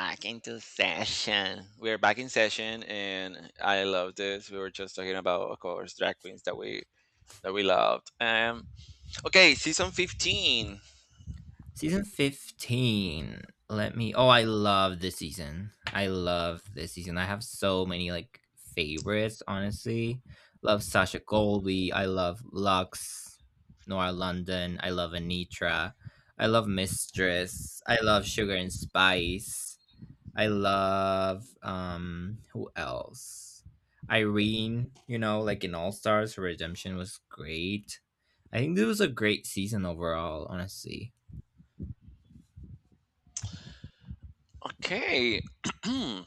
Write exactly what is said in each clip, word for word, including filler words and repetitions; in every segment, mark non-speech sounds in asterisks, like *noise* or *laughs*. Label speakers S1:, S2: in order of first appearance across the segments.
S1: Back into session. We're back in session, and I love this. We were just talking about, of course, drag queens that we that we loved. Um, okay, season fifteen.
S2: Season fifteen. Let me Oh, I love this season. I love this season. I have so many like favorites, honestly. Love Sasha Colby. I love Lux, Nora London. I love Anitra. I love Mistress. I love Sugar and Spice. I love um who else? Irene, you know, like in All Stars, her redemption was great. I think this was a great season overall, honestly.
S1: Okay, *clears throat*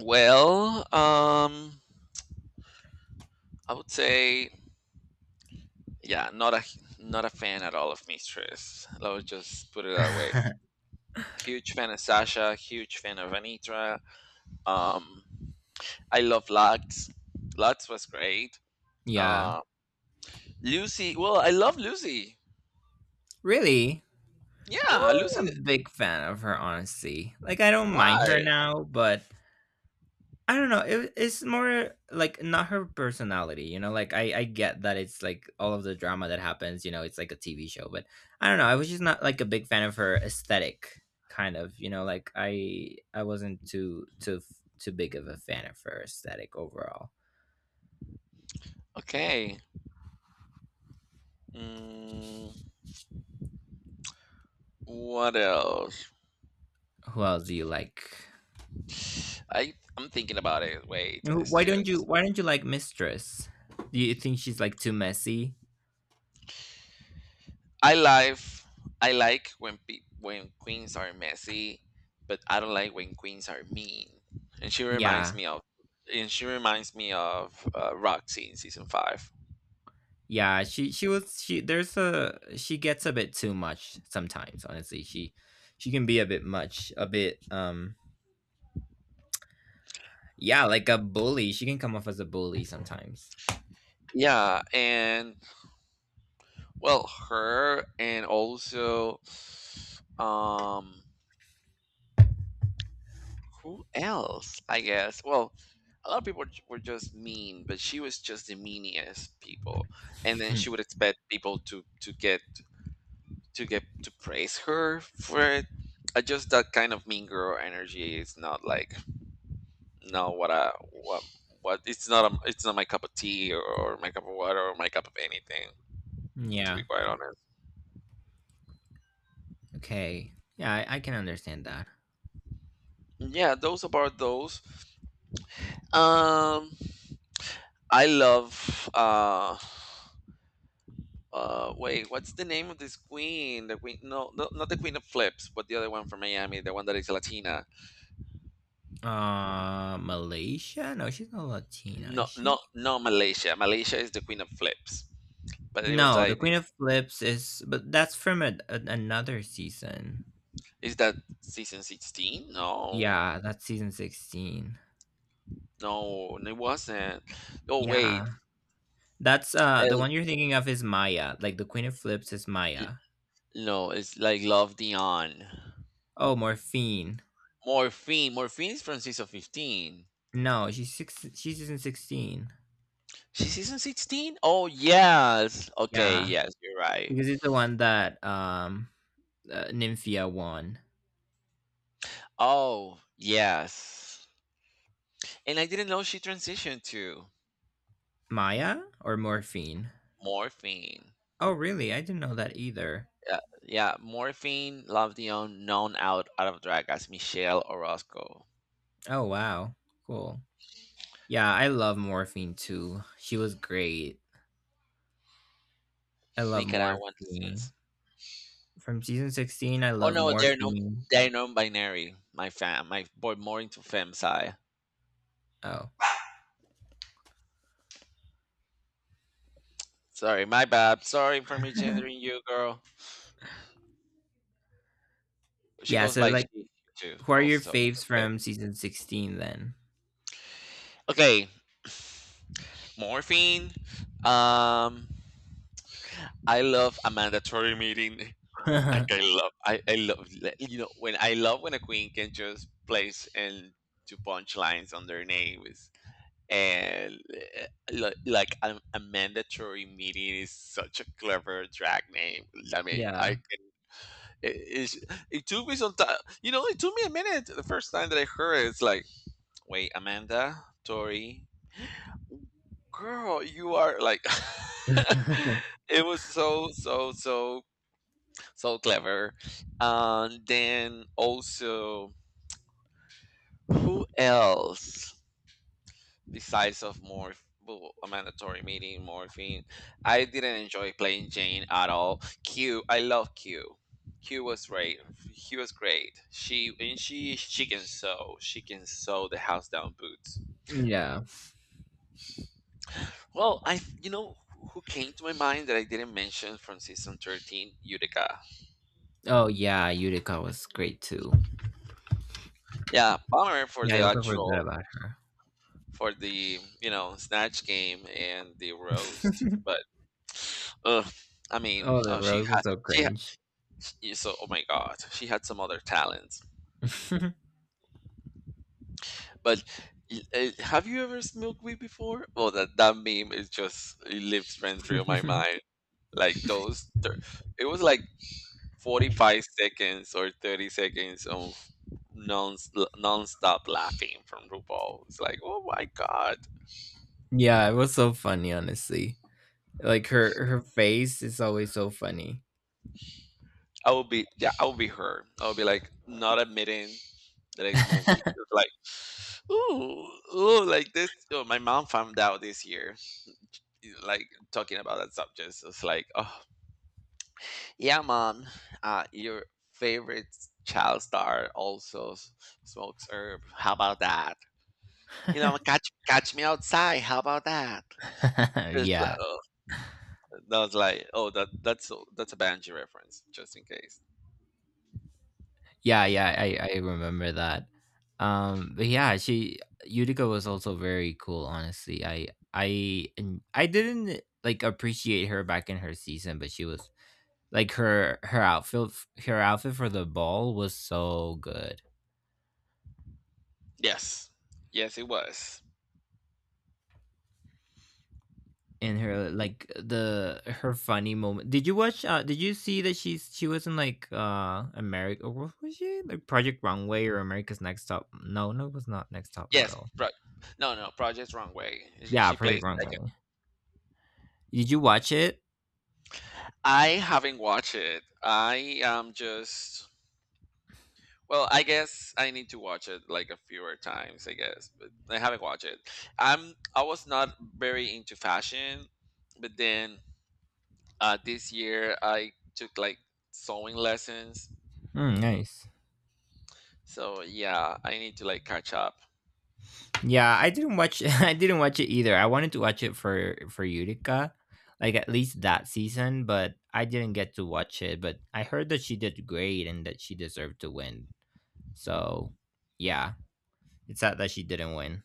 S1: well, um, I would say, yeah, not a not a fan at all of Mistress. Let's just put it that way.
S2: *laughs*
S1: A huge fan of Sasha. Huge fan of Anitra. Um, I love Lux. Lux was great.
S2: Yeah.
S1: Uh, Lucy. Well, I love Lucy.
S2: Really? I
S1: Yeah, Lucy.
S2: wasn't a big fan of her, honestly. Like, I don't mind her
S1: Why?
S2: now, but I don't know. It, it's more like not her personality, you know? Like, I, I get that it's like all of the drama that happens, you know, it's like a T V show, but I don't know. I was just not like a big fan of her aesthetic, kind of, you know? Like, I I wasn't too, too, too big of a fan of her aesthetic overall.
S1: Okay. Mm, what else?
S2: Who else do you like?
S1: I I'm thinking about it. Wait,
S2: Who-
S1: it's
S2: Why don't you,
S1: just
S2: why don't you like Mistress? Do you think she's like too messy?
S1: I life I like when pe- when queens are messy, but I don't like when queens are mean. And she reminds
S2: Yeah,
S1: me of and she reminds me of uh, Roxy in season five.
S2: yeah, she she was she there's a she gets a bit too much sometimes, honestly. She she can be a bit much, a bit um yeah, like a bully. She can come off as a bully sometimes.
S1: Yeah, and well, her and also um who else? I guess. Well, a lot of people j- were just mean, but she was just the meanest people. And then
S2: Hmm.
S1: she would expect people to to get to get to praise her for it. Uh, just that kind of mean girl energy is not like no what I what what it's not a, it's not my cup of tea or, or my cup of water or my cup of anything to be
S2: Yeah.
S1: quite honest.
S2: Okay. Yeah, I, I can understand that.
S1: Yeah, those about those. Um, I love uh Uh, wait, what's the name of this queen? The queen? No, no, not the queen of flips, but the other one from Miami, the one that is Latina.
S2: Uh, Malaysia? No, she's not Latina,
S1: No,
S2: is
S1: no,
S2: she?
S1: no, Malaysia. Malaysia is the queen of flips. But it was
S2: No, the
S1: like, the-
S2: Queen of Flips is but that's from a, a, another season.
S1: is that season sixteen? No,
S2: Yeah, that's season sixteen.
S1: no, no, it wasn't. Oh
S2: Yeah.
S1: wait,
S2: That's uh the
S1: El-
S2: one you're thinking of is Maya. Like the Queen of Flips is Maya.
S1: no, it's like Love Dion.
S2: Oh, Morphine.
S1: Morphine. Morphine is from season fifteen.
S2: No, she's six she's season sixteen.
S1: She's season sixteen? Oh yes. Okay,
S2: Yeah,
S1: yes, you're right.
S2: because it's the one that um uh, Nymphia won.
S1: Oh yes. And I didn't know she transitioned to
S2: Maya or Morphine?
S1: morphine.
S2: Oh, really? I didn't know that either.
S1: Yeah, yeah, morphine, love the un- known out out of drag as Michelle Orozco,
S2: Oh, wow. Cool. Yeah, I love Morphine too. She was great. I love
S1: Nicaraguan citizens.
S2: Morphine. From season sixteen, I
S1: Oh
S2: love
S1: no, they're no,
S2: Morphine.
S1: they're non-binary. My fam, my boy, more into fem side.
S2: Oh.
S1: Sorry, my bad. Sorry for misgendering
S2: *laughs*
S1: you, girl. She
S2: Yeah,
S1: goes
S2: so
S1: by
S2: like
S1: she too,
S2: who are your
S1: also.
S2: faves
S1: Okay,
S2: from season sixteen then?
S1: okay. Morphine. Um, I love a mandatory meeting. Like I
S2: *laughs*
S1: love, I, I love, le- you know, when I love when a queen can just place and to punchlines on their names. And uh, li- like a, a mandatory meeting is such a clever drag name. I mean, I
S2: Yeah.
S1: can, it, it's- it took me some time. You know, it took me a minute the first time that I heard it. It's like, wait, Amanda, Tori, girl, you are like. *laughs*
S2: *laughs*
S1: It was so so so so clever. And then also, who else besides of more well, a mandatory meeting, morphine? I didn't enjoy playing Jane at all. Q, I love Q. Q was great. Q was great. She and she she can sew. She can sew the house down boots.
S2: Yeah.
S1: Well, I you know who came to my mind that I didn't mention from season thirteen, Utica.
S2: Oh yeah, Utica was great too.
S1: Yeah, bummer for
S2: Yeah,
S1: the
S2: I also forgot
S1: actual
S2: about her.
S1: for the you know snatch game and the roast
S2: *laughs*
S1: but *sniffs* ugh, I mean
S2: Oh, the
S1: oh she
S2: rose
S1: had
S2: was so
S1: she had
S2: cringe.
S1: yeah, so oh my god she had some other talents
S2: *laughs*
S1: but y- uh, have you ever smoked weed before, well that that meme is just it lives rent free on my mind like those thir- it was like forty-five seconds or thirty seconds of non non-stop laughing from RuPaul. It's like oh my god.
S2: Yeah, it was so funny, honestly. Like her her face is always so funny.
S1: I will be yeah, I will be her. I will be like not admitting. The next month, it was like, ooh, ooh, like this. Oh, my mom found out this year, like talking about that subject. So it's like, oh, yeah, mom, uh, your favorite child star also s- smokes herb. How about that? You
S2: *laughs*
S1: know, catch catch me outside. How about that? It's like,
S2: Yeah.
S1: oh, that was like, oh, that that's a, that's a Banji reference, just in case.
S2: Yeah, yeah, I, I remember that. Um, but yeah, she Utica was also very cool. Honestly, I I and I didn't like appreciate her back in her season, but she was like her her outfit, her outfit for the ball was so good.
S1: Yes, yes, it was.
S2: And her like the her funny moment. Did you watch? Uh, did you see that she's she was in like uh, America? What was she like, Project Runway or America's Next Top? No, no, it was not Next Top
S1: Yes,
S2: Model.
S1: pro- no, no, Project Wrong Way. She
S2: Yeah,
S1: she
S2: Project
S1: plays like,
S2: Runway. Did you watch it?
S1: I haven't watched it. I am just well, I guess I need to watch it like a fewer times, I guess, but I haven't watched it. I'm I was not very into fashion, but then uh this year I took like sewing lessons.
S2: Mm, nice.
S1: So yeah, I need to like catch up.
S2: Yeah, I didn't watch— *laughs* I didn't watch it either. I wanted to watch it for— for Utica, like at least that season, but I didn't get to watch it, but I heard that she did great and that she deserved to win. So, yeah, it's sad that she didn't win.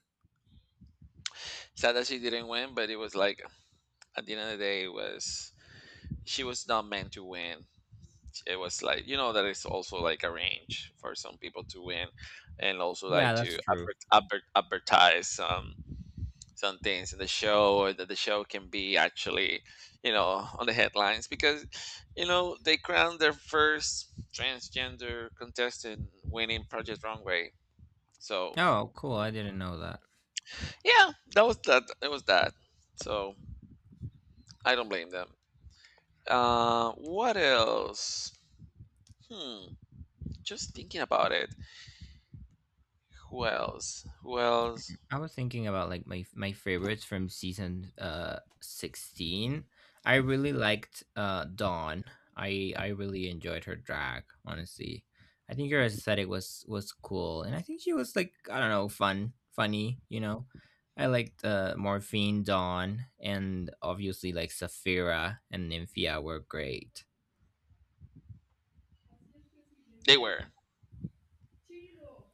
S1: Sad that she didn't win, but it was like at the end of the day it was she was not meant to win. It was like you know that it's also like a range for some people to win and also
S2: Yeah,
S1: like to
S2: that's true.
S1: adver- adver- advertise some some things in the show, or that the show can be actually you know on the headlines because you know they crowned their first transgender contestant winning Project Runway. So
S2: Oh, cool. I didn't know that.
S1: yeah, that was that it was that. So I don't blame them. Uh, what else? Hmm, just thinking about it. Who else, who else?
S2: I was thinking about like my my favorites from season uh sixteen. I really liked uh Dawn. I I really enjoyed her drag, honestly. I think her aesthetic was was cool and I think she was like I don't know, fun, funny, you know. I liked uh Morphine, Dawn, and obviously like Saphira and Nymphia were great.
S1: They were.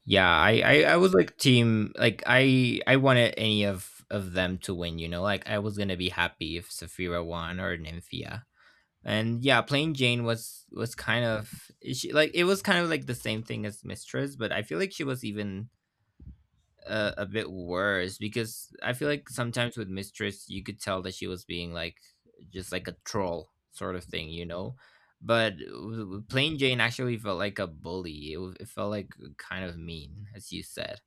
S2: Yeah, I, I I was like team like I I wanted any of of them to win, you know? Like I was going to be happy if Saphira won or Nymphia. And yeah, playing Jane was was kind of she like it was kind of like the same thing as Mistress, but I feel like she was even uh, a bit worse because I feel like sometimes with Mistress you could tell that she was being like just like a troll sort of thing, you know? But w- w- plain Jane actually felt like a bully. It, w- it felt like kind of mean, as you said.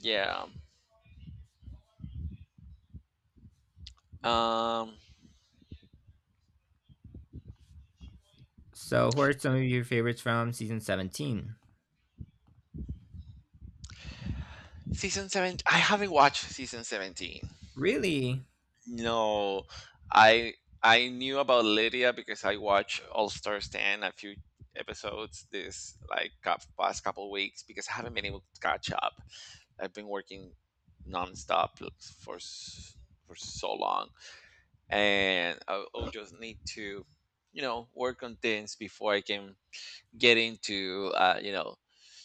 S1: Yeah. Um
S2: So, who are some of your favorites from season seventeen?
S1: season seven, I haven't watched season seventeen.
S2: Really?
S1: No. I I knew about Lydia because I watched All Star Stand a few episodes this like cou- past couple weeks because I haven't been able to catch up. I've been working nonstop for s- for so long and I will just need to you know work on things before I can get into uh, you know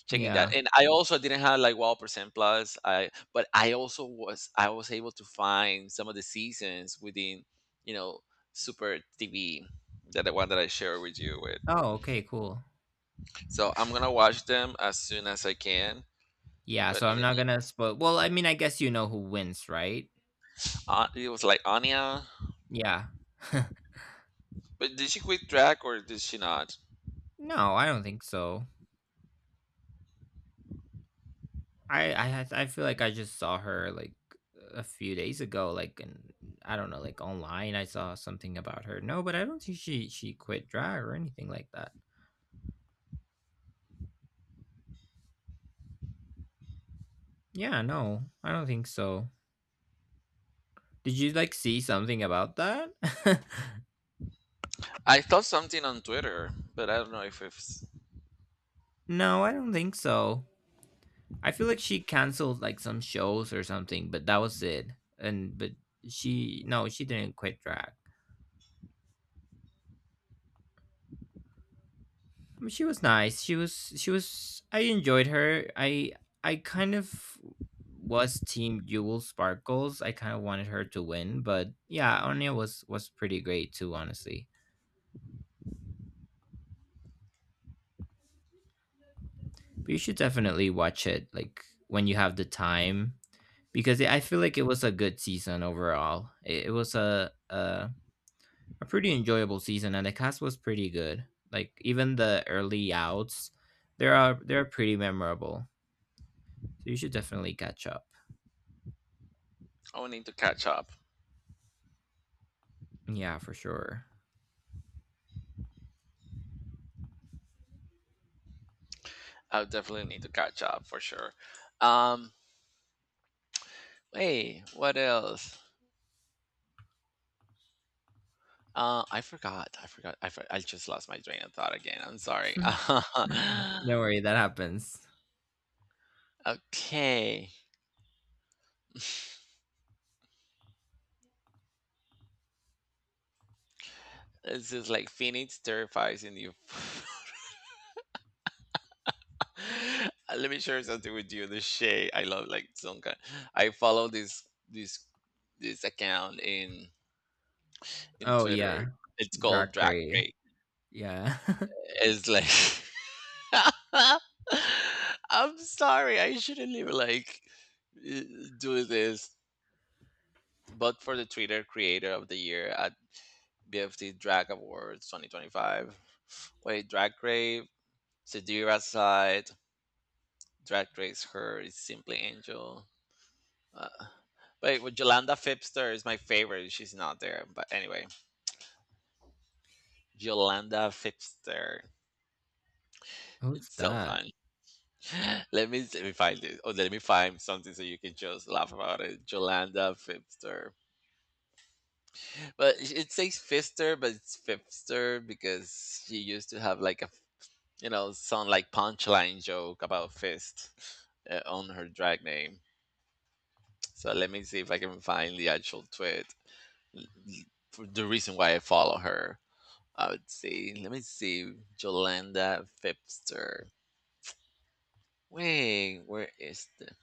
S1: checking that.
S2: Yeah.
S1: And I also didn't have like WOW Percent Plus, I but I also was I was able to find some of the seasons within you know super T V, that the one that I shared with you with.
S2: Oh, okay, cool.
S1: So I'm gonna watch them as soon as I can,
S2: Yeah,
S1: but
S2: so
S1: in
S2: I'm
S1: the
S2: not
S1: mean
S2: gonna spoil. Well, I mean, I guess you know who wins, right?
S1: uh, it was like Anya,
S2: Yeah. *laughs*
S1: but did she quit track or did she not?
S2: No, I don't think so. I I had- I feel like I just saw her like a few days ago, like and I don't know, like online. I saw something about her. No, but I don't think she she quit drag or anything like that. Yeah, no, I don't think so. Did you like see something about that? *laughs*
S1: I saw something on Twitter but I don't know if it's.
S2: No, I don't think so. I feel like she canceled like some shows or something, but that was it. And but she no, she didn't quit drag. I mean, she was nice. She was she was. I enjoyed her. I I kind of was team Jewel Sparkles. I kind of wanted her to win, but yeah, Anya was was pretty great too, honestly. But you should definitely watch it like when you have the time because I feel like it was a good season overall. It, it was a a a pretty enjoyable season, and the cast was pretty good. Like even the early outs, there are they're pretty memorable. So you should definitely catch up.
S1: I will need to catch up.
S2: Yeah, for sure.
S1: I'll definitely need to catch up for sure. um Hey, what else? Uh, I forgot. I forgot. I, for- I just lost my train of thought again. I'm
S2: *laughs*
S1: sorry.
S2: Don't worry, that happens.
S1: *laughs* Okay. This is like Phoenix terrifies in you. *laughs* Let me share something with you. The Shay. I love like some kind. I follow this this this account in in
S2: Oh
S1: Twitter.
S2: yeah,
S1: It's called Drag
S2: Dracray.
S1: Race.
S2: Yeah, *laughs*
S1: It's like *laughs* I'm sorry. I shouldn't even like uh, do this. But for the Twitter Creator of the Year, uh, B F T Drag Awards twenty twenty-five. Wait, Drag Race, Sadira side, Drag Race Her is Simply Angel. Uh, wait, with Yolanda Fipster is my favorite. She's not there, but anyway, Yolanda Fipster.
S2: who's
S1: It's so
S2: that?
S1: fun. *laughs* Let me see- let me find it. Oh, let me find something so you can just laugh about it. Jolanda Fipster, but it it says Fister, but it's Fipster because she used to have like a you know, some like punchline joke about Fist uh, on her drag name. So let me see if I can find the actual tweet. L- l- For the reason why I follow her, I would see. Let me see, Jolanda Fipster. Wait, where is the?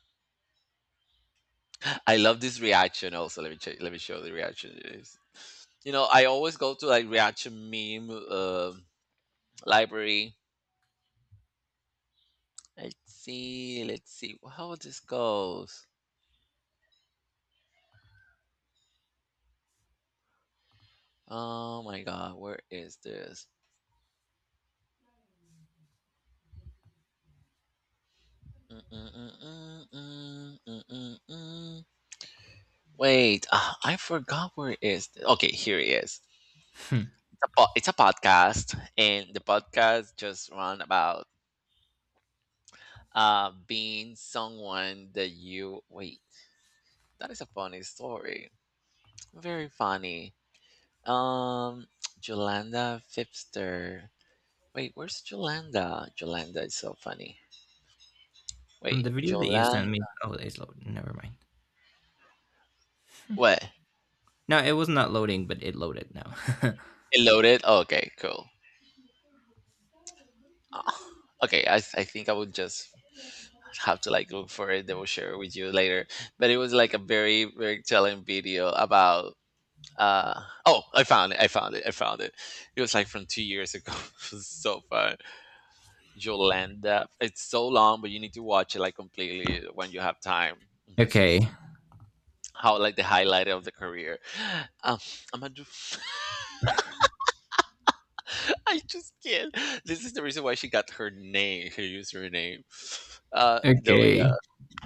S1: I love this reaction. Also, let me check, let me show the reaction. It is. You know, I always go to like reaction meme uh, library. Let's see, let's see how this goes. Oh my god, where is this? Mm-mm-mm-mm-mm-mm-mm. Wait, ah, I forgot where it is. Okay, here it is.
S2: Hmm.
S1: It's a, po- it's a podcast, and the podcast just run about uh being someone that you wait. That is a funny story. Very funny. Um, *tsk* Jolanda Fipster. Wait, where's Jolanda? Jolanda is so funny.
S2: The
S1: Wait,
S2: video that you sent me.
S1: Jolanda.
S2: Oh, it's loading. Never mind.
S1: What?
S2: No, it was not loading, but it loaded now.
S1: It loaded. Okay, cool. *laughs* Uh, okay, I, I think I would just have to like look for it. They will share it with you later. But it was like a very very telling video about. Uh, oh, I found it! I found it! I found it! It was like from two years ago. *laughs* It was so fun. Yolanda. It's so long, but you need to watch it like completely when you have time
S2: *laughs*
S1: because
S2: Okay,
S1: it's how like the highlight of the career. Um, I'm gonna do. *laughs* I just can't. This is the reason why she got her name, her username. Uh, no,
S2: okay.
S1: yeah.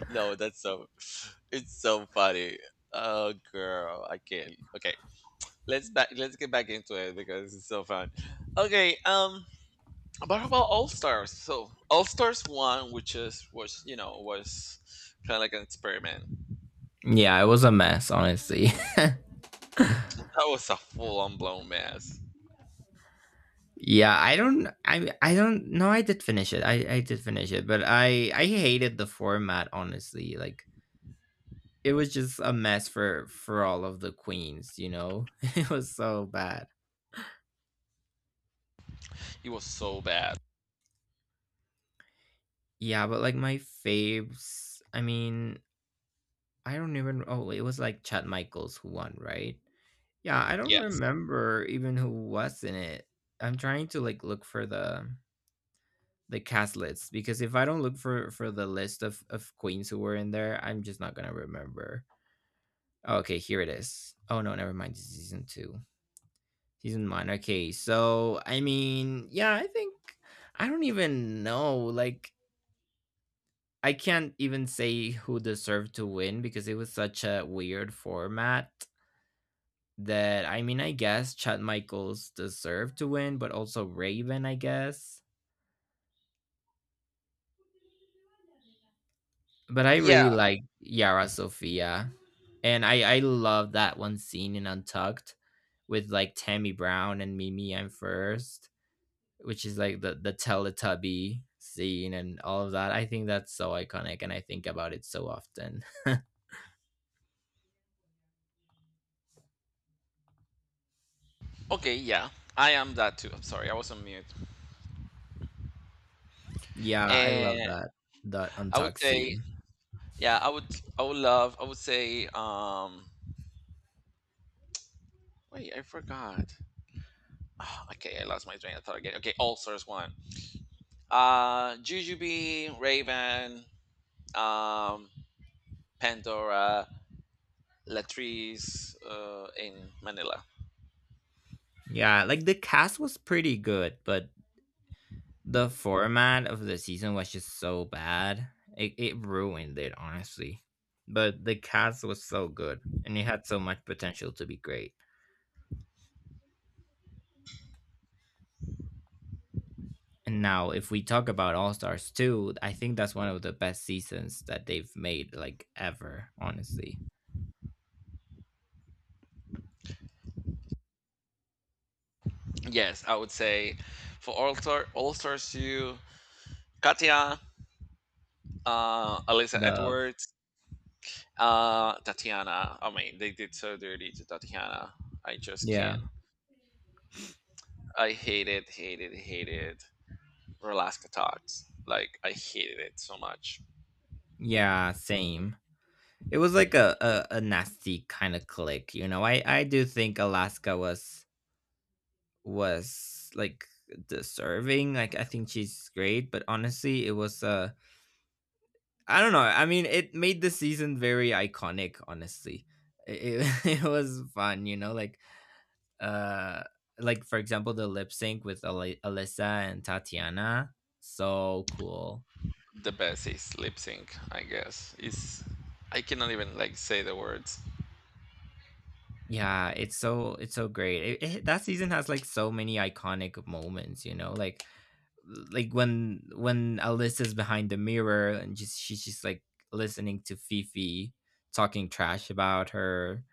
S1: No, that's so *laughs* it's so funny. Oh girl, I can't. Okay, let's back let's get back into it because it's so fun. Okay, um what about All Stars? So All Stars one, which is was you know, was kinda like an experiment.
S2: Yeah, it was a mess, honestly. *laughs*
S1: That was a full on blown mess.
S2: Yeah, I don't. I I don't. No, I did finish it. I I did finish it, but I I hated the format. Honestly, like it was just a mess for for all of the queens. You know, *laughs* it was so bad.
S1: It was so bad.
S2: Yeah, but like my faves. I mean, I don't even. Oh, it was like Chad Michaels who won, right? Yeah, I don't
S1: Yes.
S2: remember even who was in it. I'm trying to like look for the the cast lists because if I don't look for for the list of of queens who were in there, I'm just not gonna remember. Okay, here it is. Oh no, never mind. It's season two, season one. Okay, so I mean, yeah, I think I don't even know. Like, I can't even say who deserved to win because it was such a weird format that I mean, I guess Chad Michaels deserved to win, but also Raven, I guess. But I
S1: Yeah.
S2: really like Yara Sofia, and I I love that one scene in Untucked with like Tammy Brown and Mimi. I'm first, which is like the the Teletubby scene and all of that. I think that's so iconic, and I think about it so often. *laughs*
S1: Okay, yeah. I am that too. I'm sorry, I was on mute.
S2: Yeah, I love
S1: And
S2: that that
S1: I would
S2: untucked
S1: say
S2: scene.
S1: yeah, I would I would love I would say um wait, I forgot. *sighs* Okay, I lost my train of thought again. Okay, All Stars one. Uh, Jujubee, Raven, um, Pandora, Latrice, uh, in Manila.
S2: Yeah, like the cast was pretty good, but the format of the season was just so bad. It it ruined it honestly, but the cast was so good, and it had so much potential to be great. And now, if we talk about All Stars two, I think that's one of the best seasons that they've made, like ever, honestly.
S1: Yes, I would say for All Star All Stars two, Katya, uh, Alyssa
S2: Love.
S1: Edwards, uh, Tatiana. I mean, they did so dirty to Tatiana. I just
S2: Yeah.
S1: can't. I hated, hated, hated Relaska Talks. Like, I hated it so much.
S2: Yeah, same. It was like a, a, a nasty kind of click, you know. I, I do think Alaska was was like deserving. Like I think she's great, but honestly it was a I don't know. I mean, it made the season very iconic. Honestly, it, it, *laughs* it was fun. You know, like uh, like for example, the lip sync with Ali- Alyssa and Tatiana. So cool.
S1: The best is lip sync, I guess, is I cannot even like say the words.
S2: Yeah, it's so— it's so great. It, it, that season has like so many iconic moments. You know, like like when when Alyssa's behind the mirror and just she's just like listening to Fifi talking trash about her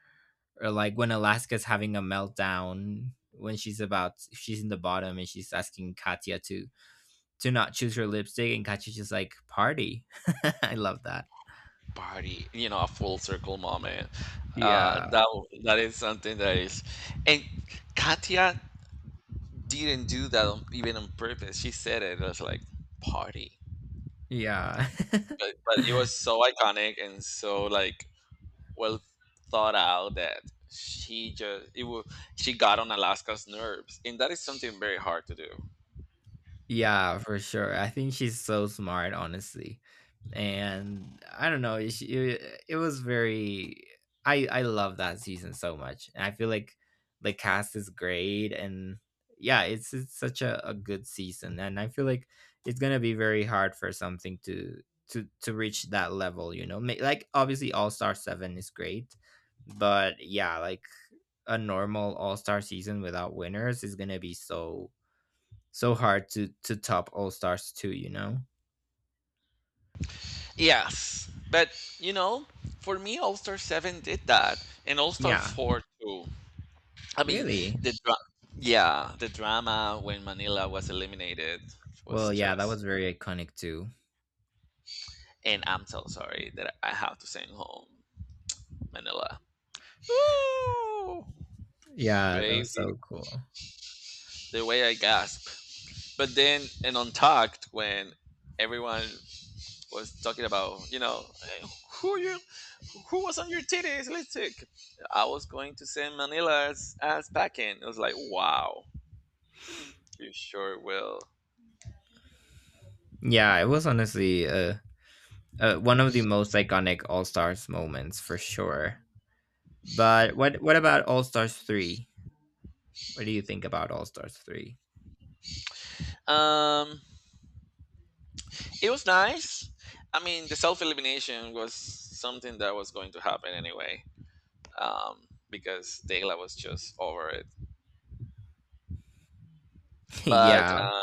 S2: or like when Alaska's having a meltdown when she's about she's in the bottom and she's asking Katya to to not choose her lipstick and Katya's just like, "Party." *laughs* I love that.
S1: Party, you know, a full circle moment. Uh
S2: Yeah.
S1: that that is something that is, and Katya didn't do that on, even on purpose. She said it as like, party.
S2: Yeah.
S1: But but it was so iconic and so like, well thought out, that she just, it was, she got on Alaska's nerves, and that is something very hard to do.
S2: Yeah, for sure. I think she's so smart, honestly. And I don't know, she, it, it was very I I love that season so much. And I feel like the cast is great and yeah, it's it's such a, a good season and I feel like it's going to be very hard for something to to to reach that level, you know. Ma- Like obviously All-Star seven is great, but yeah, like a normal All-Star season without winners is going to be so so hard to to top All Stars two, you know?
S1: Yes, but you know, for me, All Star Seven did that, and All Star
S2: Yeah,
S1: Four too. I mean,
S2: really?
S1: the dra- yeah, the drama when Manila was eliminated was
S2: Well, yeah, that
S1: just,
S2: was very iconic too.
S1: and I'm so sorry that I have to send home Manila. Ooh,
S2: Yeah, that was
S1: baby,
S2: so cool.
S1: the way I gasp. But then in Untucked, when everyone was talking about, you know, "Eh, who you who was on your titties? Let's take. I was going to send Manila as, as packing." It was like, wow, you sure will.
S2: Yeah, it was honestly uh, uh one of the most iconic All Stars moments for sure. But what what about All Stars three? What do you think about All Stars three?
S1: Um, it was nice. I mean, the self elimination was something that was going to happen anyway, um, because Dayla was just over it.
S2: *laughs*
S1: But
S2: Yeah.
S1: uh,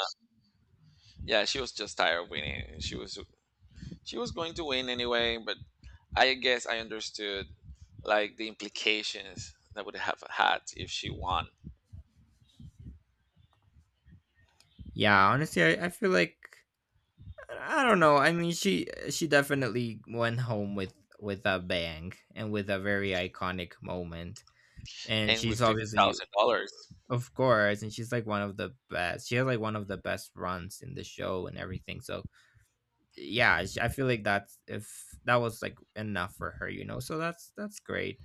S1: yeah, she was just tired of winning. She was she was going to win anyway, but I guess I understood like the implications that would have had if she won,
S2: Yeah, honestly, I, I feel like I don't know. I mean, she she definitely went home with with a bang and with a very iconic moment. And
S1: and with
S2: she's
S1: fifty
S2: obviously
S1: thousand dollars.
S2: of course, and she's like one of the best. She has like one of the best runs in the show and everything. So yeah, sh- I feel like that's if that was like enough for her, you know. So that's that's great.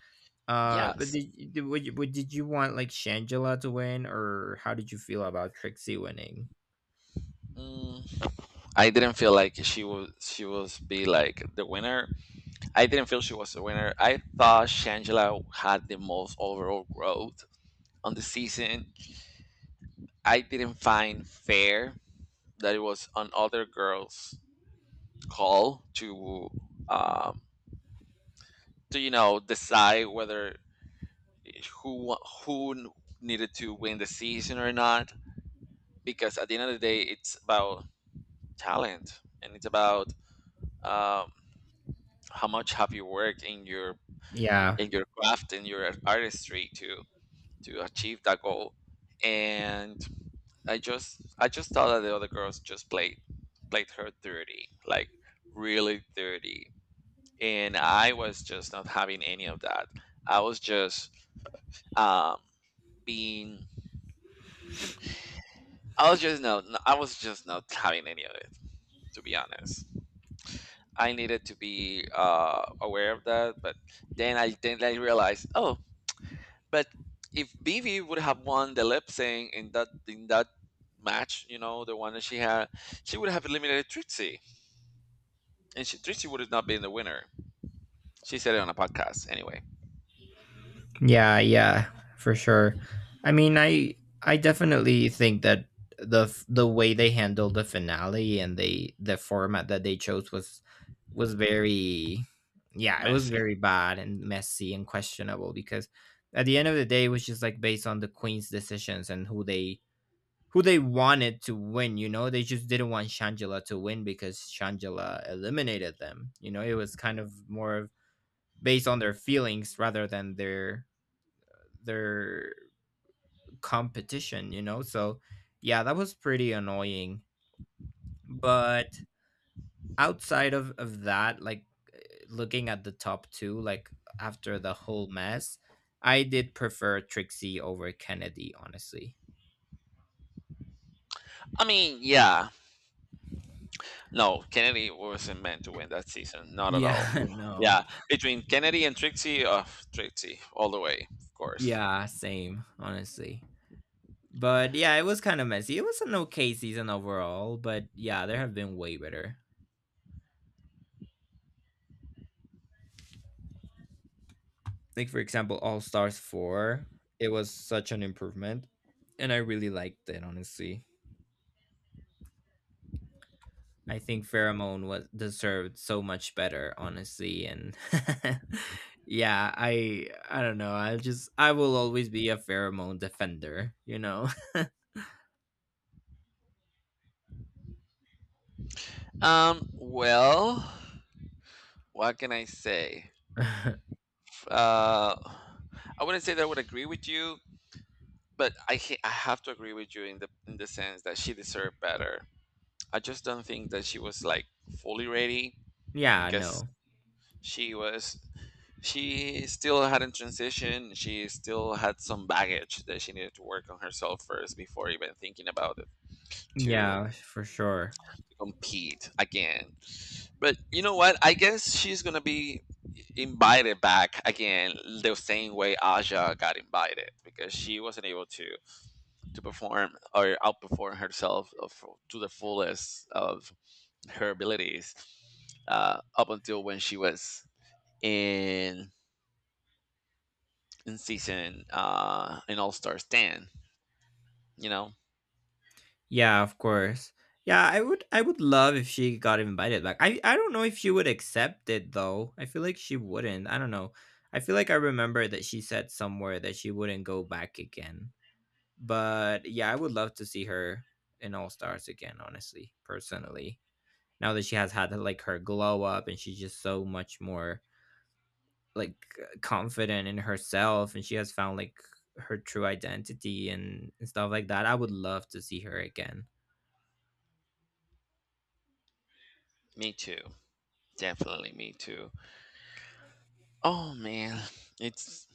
S2: Uh, but
S1: Yes.
S2: did, you- did would you, would, did you want like Shangela to win, or how did you feel about Trixie winning?
S1: Mm, I didn't feel like she was she was be like the winner. I didn't feel she was the winner. I thought Shangela had the most overall growth on the season. I didn't find fair that it was on other girls' call to um to, you know, decide whether who wa- who needed to win the season or not, because at the end of the day, it's about talent, and it's about um how much have you worked in your
S2: Yeah,
S1: in your craft, in your artistry, to to achieve that goal. And i just i just thought that the other girls just played played her dirty, like really dirty, and I was just not having any of that. I was just um being, I was just no, no, I was just not having any of it, to be honest. I needed to be uh aware of that, but then i then I realized, oh, but if Vivi would have won the lip sync in that in that match, you know, the one that she had, she would have eliminated Trixie, and she, Trixie would have not been the winner. She said it on a podcast anyway.
S2: yeah, yeah, for sure. I mean, I I definitely think that the f- the way they handled the finale and they the format that they chose was was very yeah, it was
S1: Messy.
S2: very bad and messy and questionable because at the end of the day it was just like based on the queen's decisions and who they who they wanted to win, you know? They just didn't want Shangela to win because Shangela eliminated them. You know, it was kind of more of based on their feelings rather than their their competition, you know? So yeah, that was pretty annoying. But outside of, of that, like eh, looking at the top two, like after the whole mess, I did prefer Trixie over Kennedy, honestly.
S1: I mean, yeah, no, Kennedy wasn't meant to win that season, not at all.
S2: Yeah, *laughs* no.
S1: Yeah, between Kennedy and Trixie, uh, Trixie all the way, of course.
S2: Yeah, same, honestly. But yeah, it was kind of messy. It was an okay season overall, but yeah, there have been way better, like for example all stars four. It was such an improvement and I really liked it, honestly. I think pheromone was deserved so much better, honestly, and *laughs* yeah, i i don't know, I just I will always be a pheromone defender, you know.
S1: Um, well, what can I say?
S2: *laughs*
S1: Uh, I wouldn't say that I would agree with you. But I ca- I have to agree with you in the in the sense that she deserved better. I just don't think that she was like fully ready,
S2: Yeah,
S1: because
S2: no,
S1: she was she still hadn't transitioned. She still had some baggage that she needed to work on herself first before even thinking about it, to
S2: yeah, for sure.
S1: compete again. But you know what? I guess she's gonna be invited back again, the same way Aja got invited, because she wasn't able to to perform or outperform herself of, to the fullest of her abilities uh, up until when she was in in season uh, in All Stars ten. You know,
S2: Yeah, of course. Yeah, I would I would love if she got invited back. I I don't know if she would accept it though. I feel like she wouldn't. I don't know. I feel like I remember that she said somewhere that she wouldn't go back again. But yeah, I would love to see her in All Stars again, honestly, personally. Now that she has had like her glow up and she's just so much more like uh, confident in herself and she has found like her true identity and, and stuff like that. I would love to see her again.
S1: me too. Definitely me too. Oh man, it's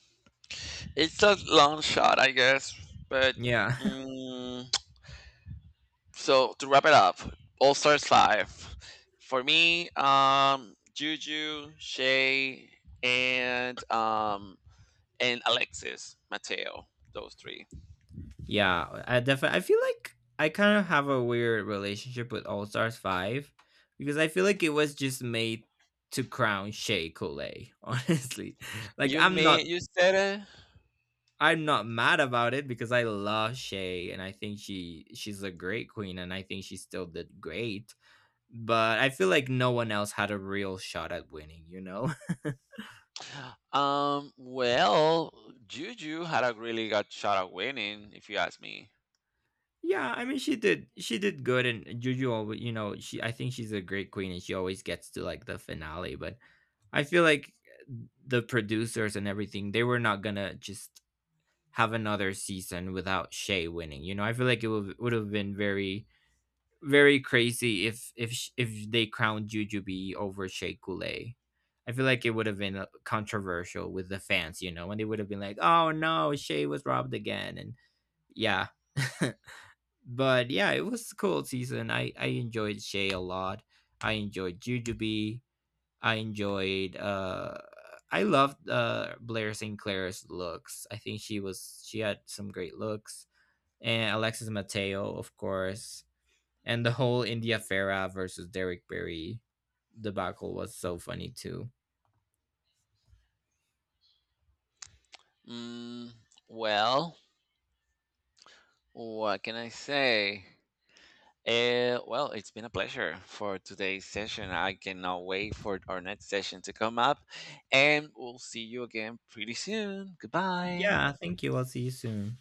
S1: it's a long shot, I guess. But
S2: Yeah.
S1: mm, so to wrap it up, All Stars Five for me, um, Juju, Shay, and um, and Alexis Mateo. Those three.
S2: Yeah, I definitely. I feel like I kind of have a weird relationship with All Stars Five because I feel like it was just made to crown Shea Coulee. *laughs* Honestly, like
S1: You
S2: I'm
S1: may
S2: not.
S1: you said
S2: I'm not mad about it because I love Shay and I think she she's a great queen and I think she still did great. But I feel like no one else had a real shot at winning, you know?
S1: it. Um. Well, Juju had a really good shot at winning, if you ask me.
S2: *laughs* Yeah, I mean she did she did good and Juju always you know, she I think she's a great queen and she always gets to like the finale, but I feel like the producers and everything, they were not gonna just have another season without Shay winning. You know, I feel like it would would have been very very crazy if if sh- if they crowned Jujubee over Shay Coulee. I feel like it would have been uh, controversial with the fans, you know, and they would have been like, "Oh no, Shay was robbed again," and yeah. *laughs* But yeah, it was a cool season. I I enjoyed Shay a lot. I enjoyed Jujubee. I enjoyed. Uh, I loved uh, Blair Sinclair's looks. I think she was she had some great looks, and Alexis Mateo, of course, and the whole India Farah versus Derek Berry debacle was so funny too.
S1: Mm, well, what can I say? Uh, well, it's been a pleasure for today's session. I cannot wait for our next session to come up, and we'll see you again pretty soon. Goodbye.
S2: Yeah, thank you. I'll see you soon.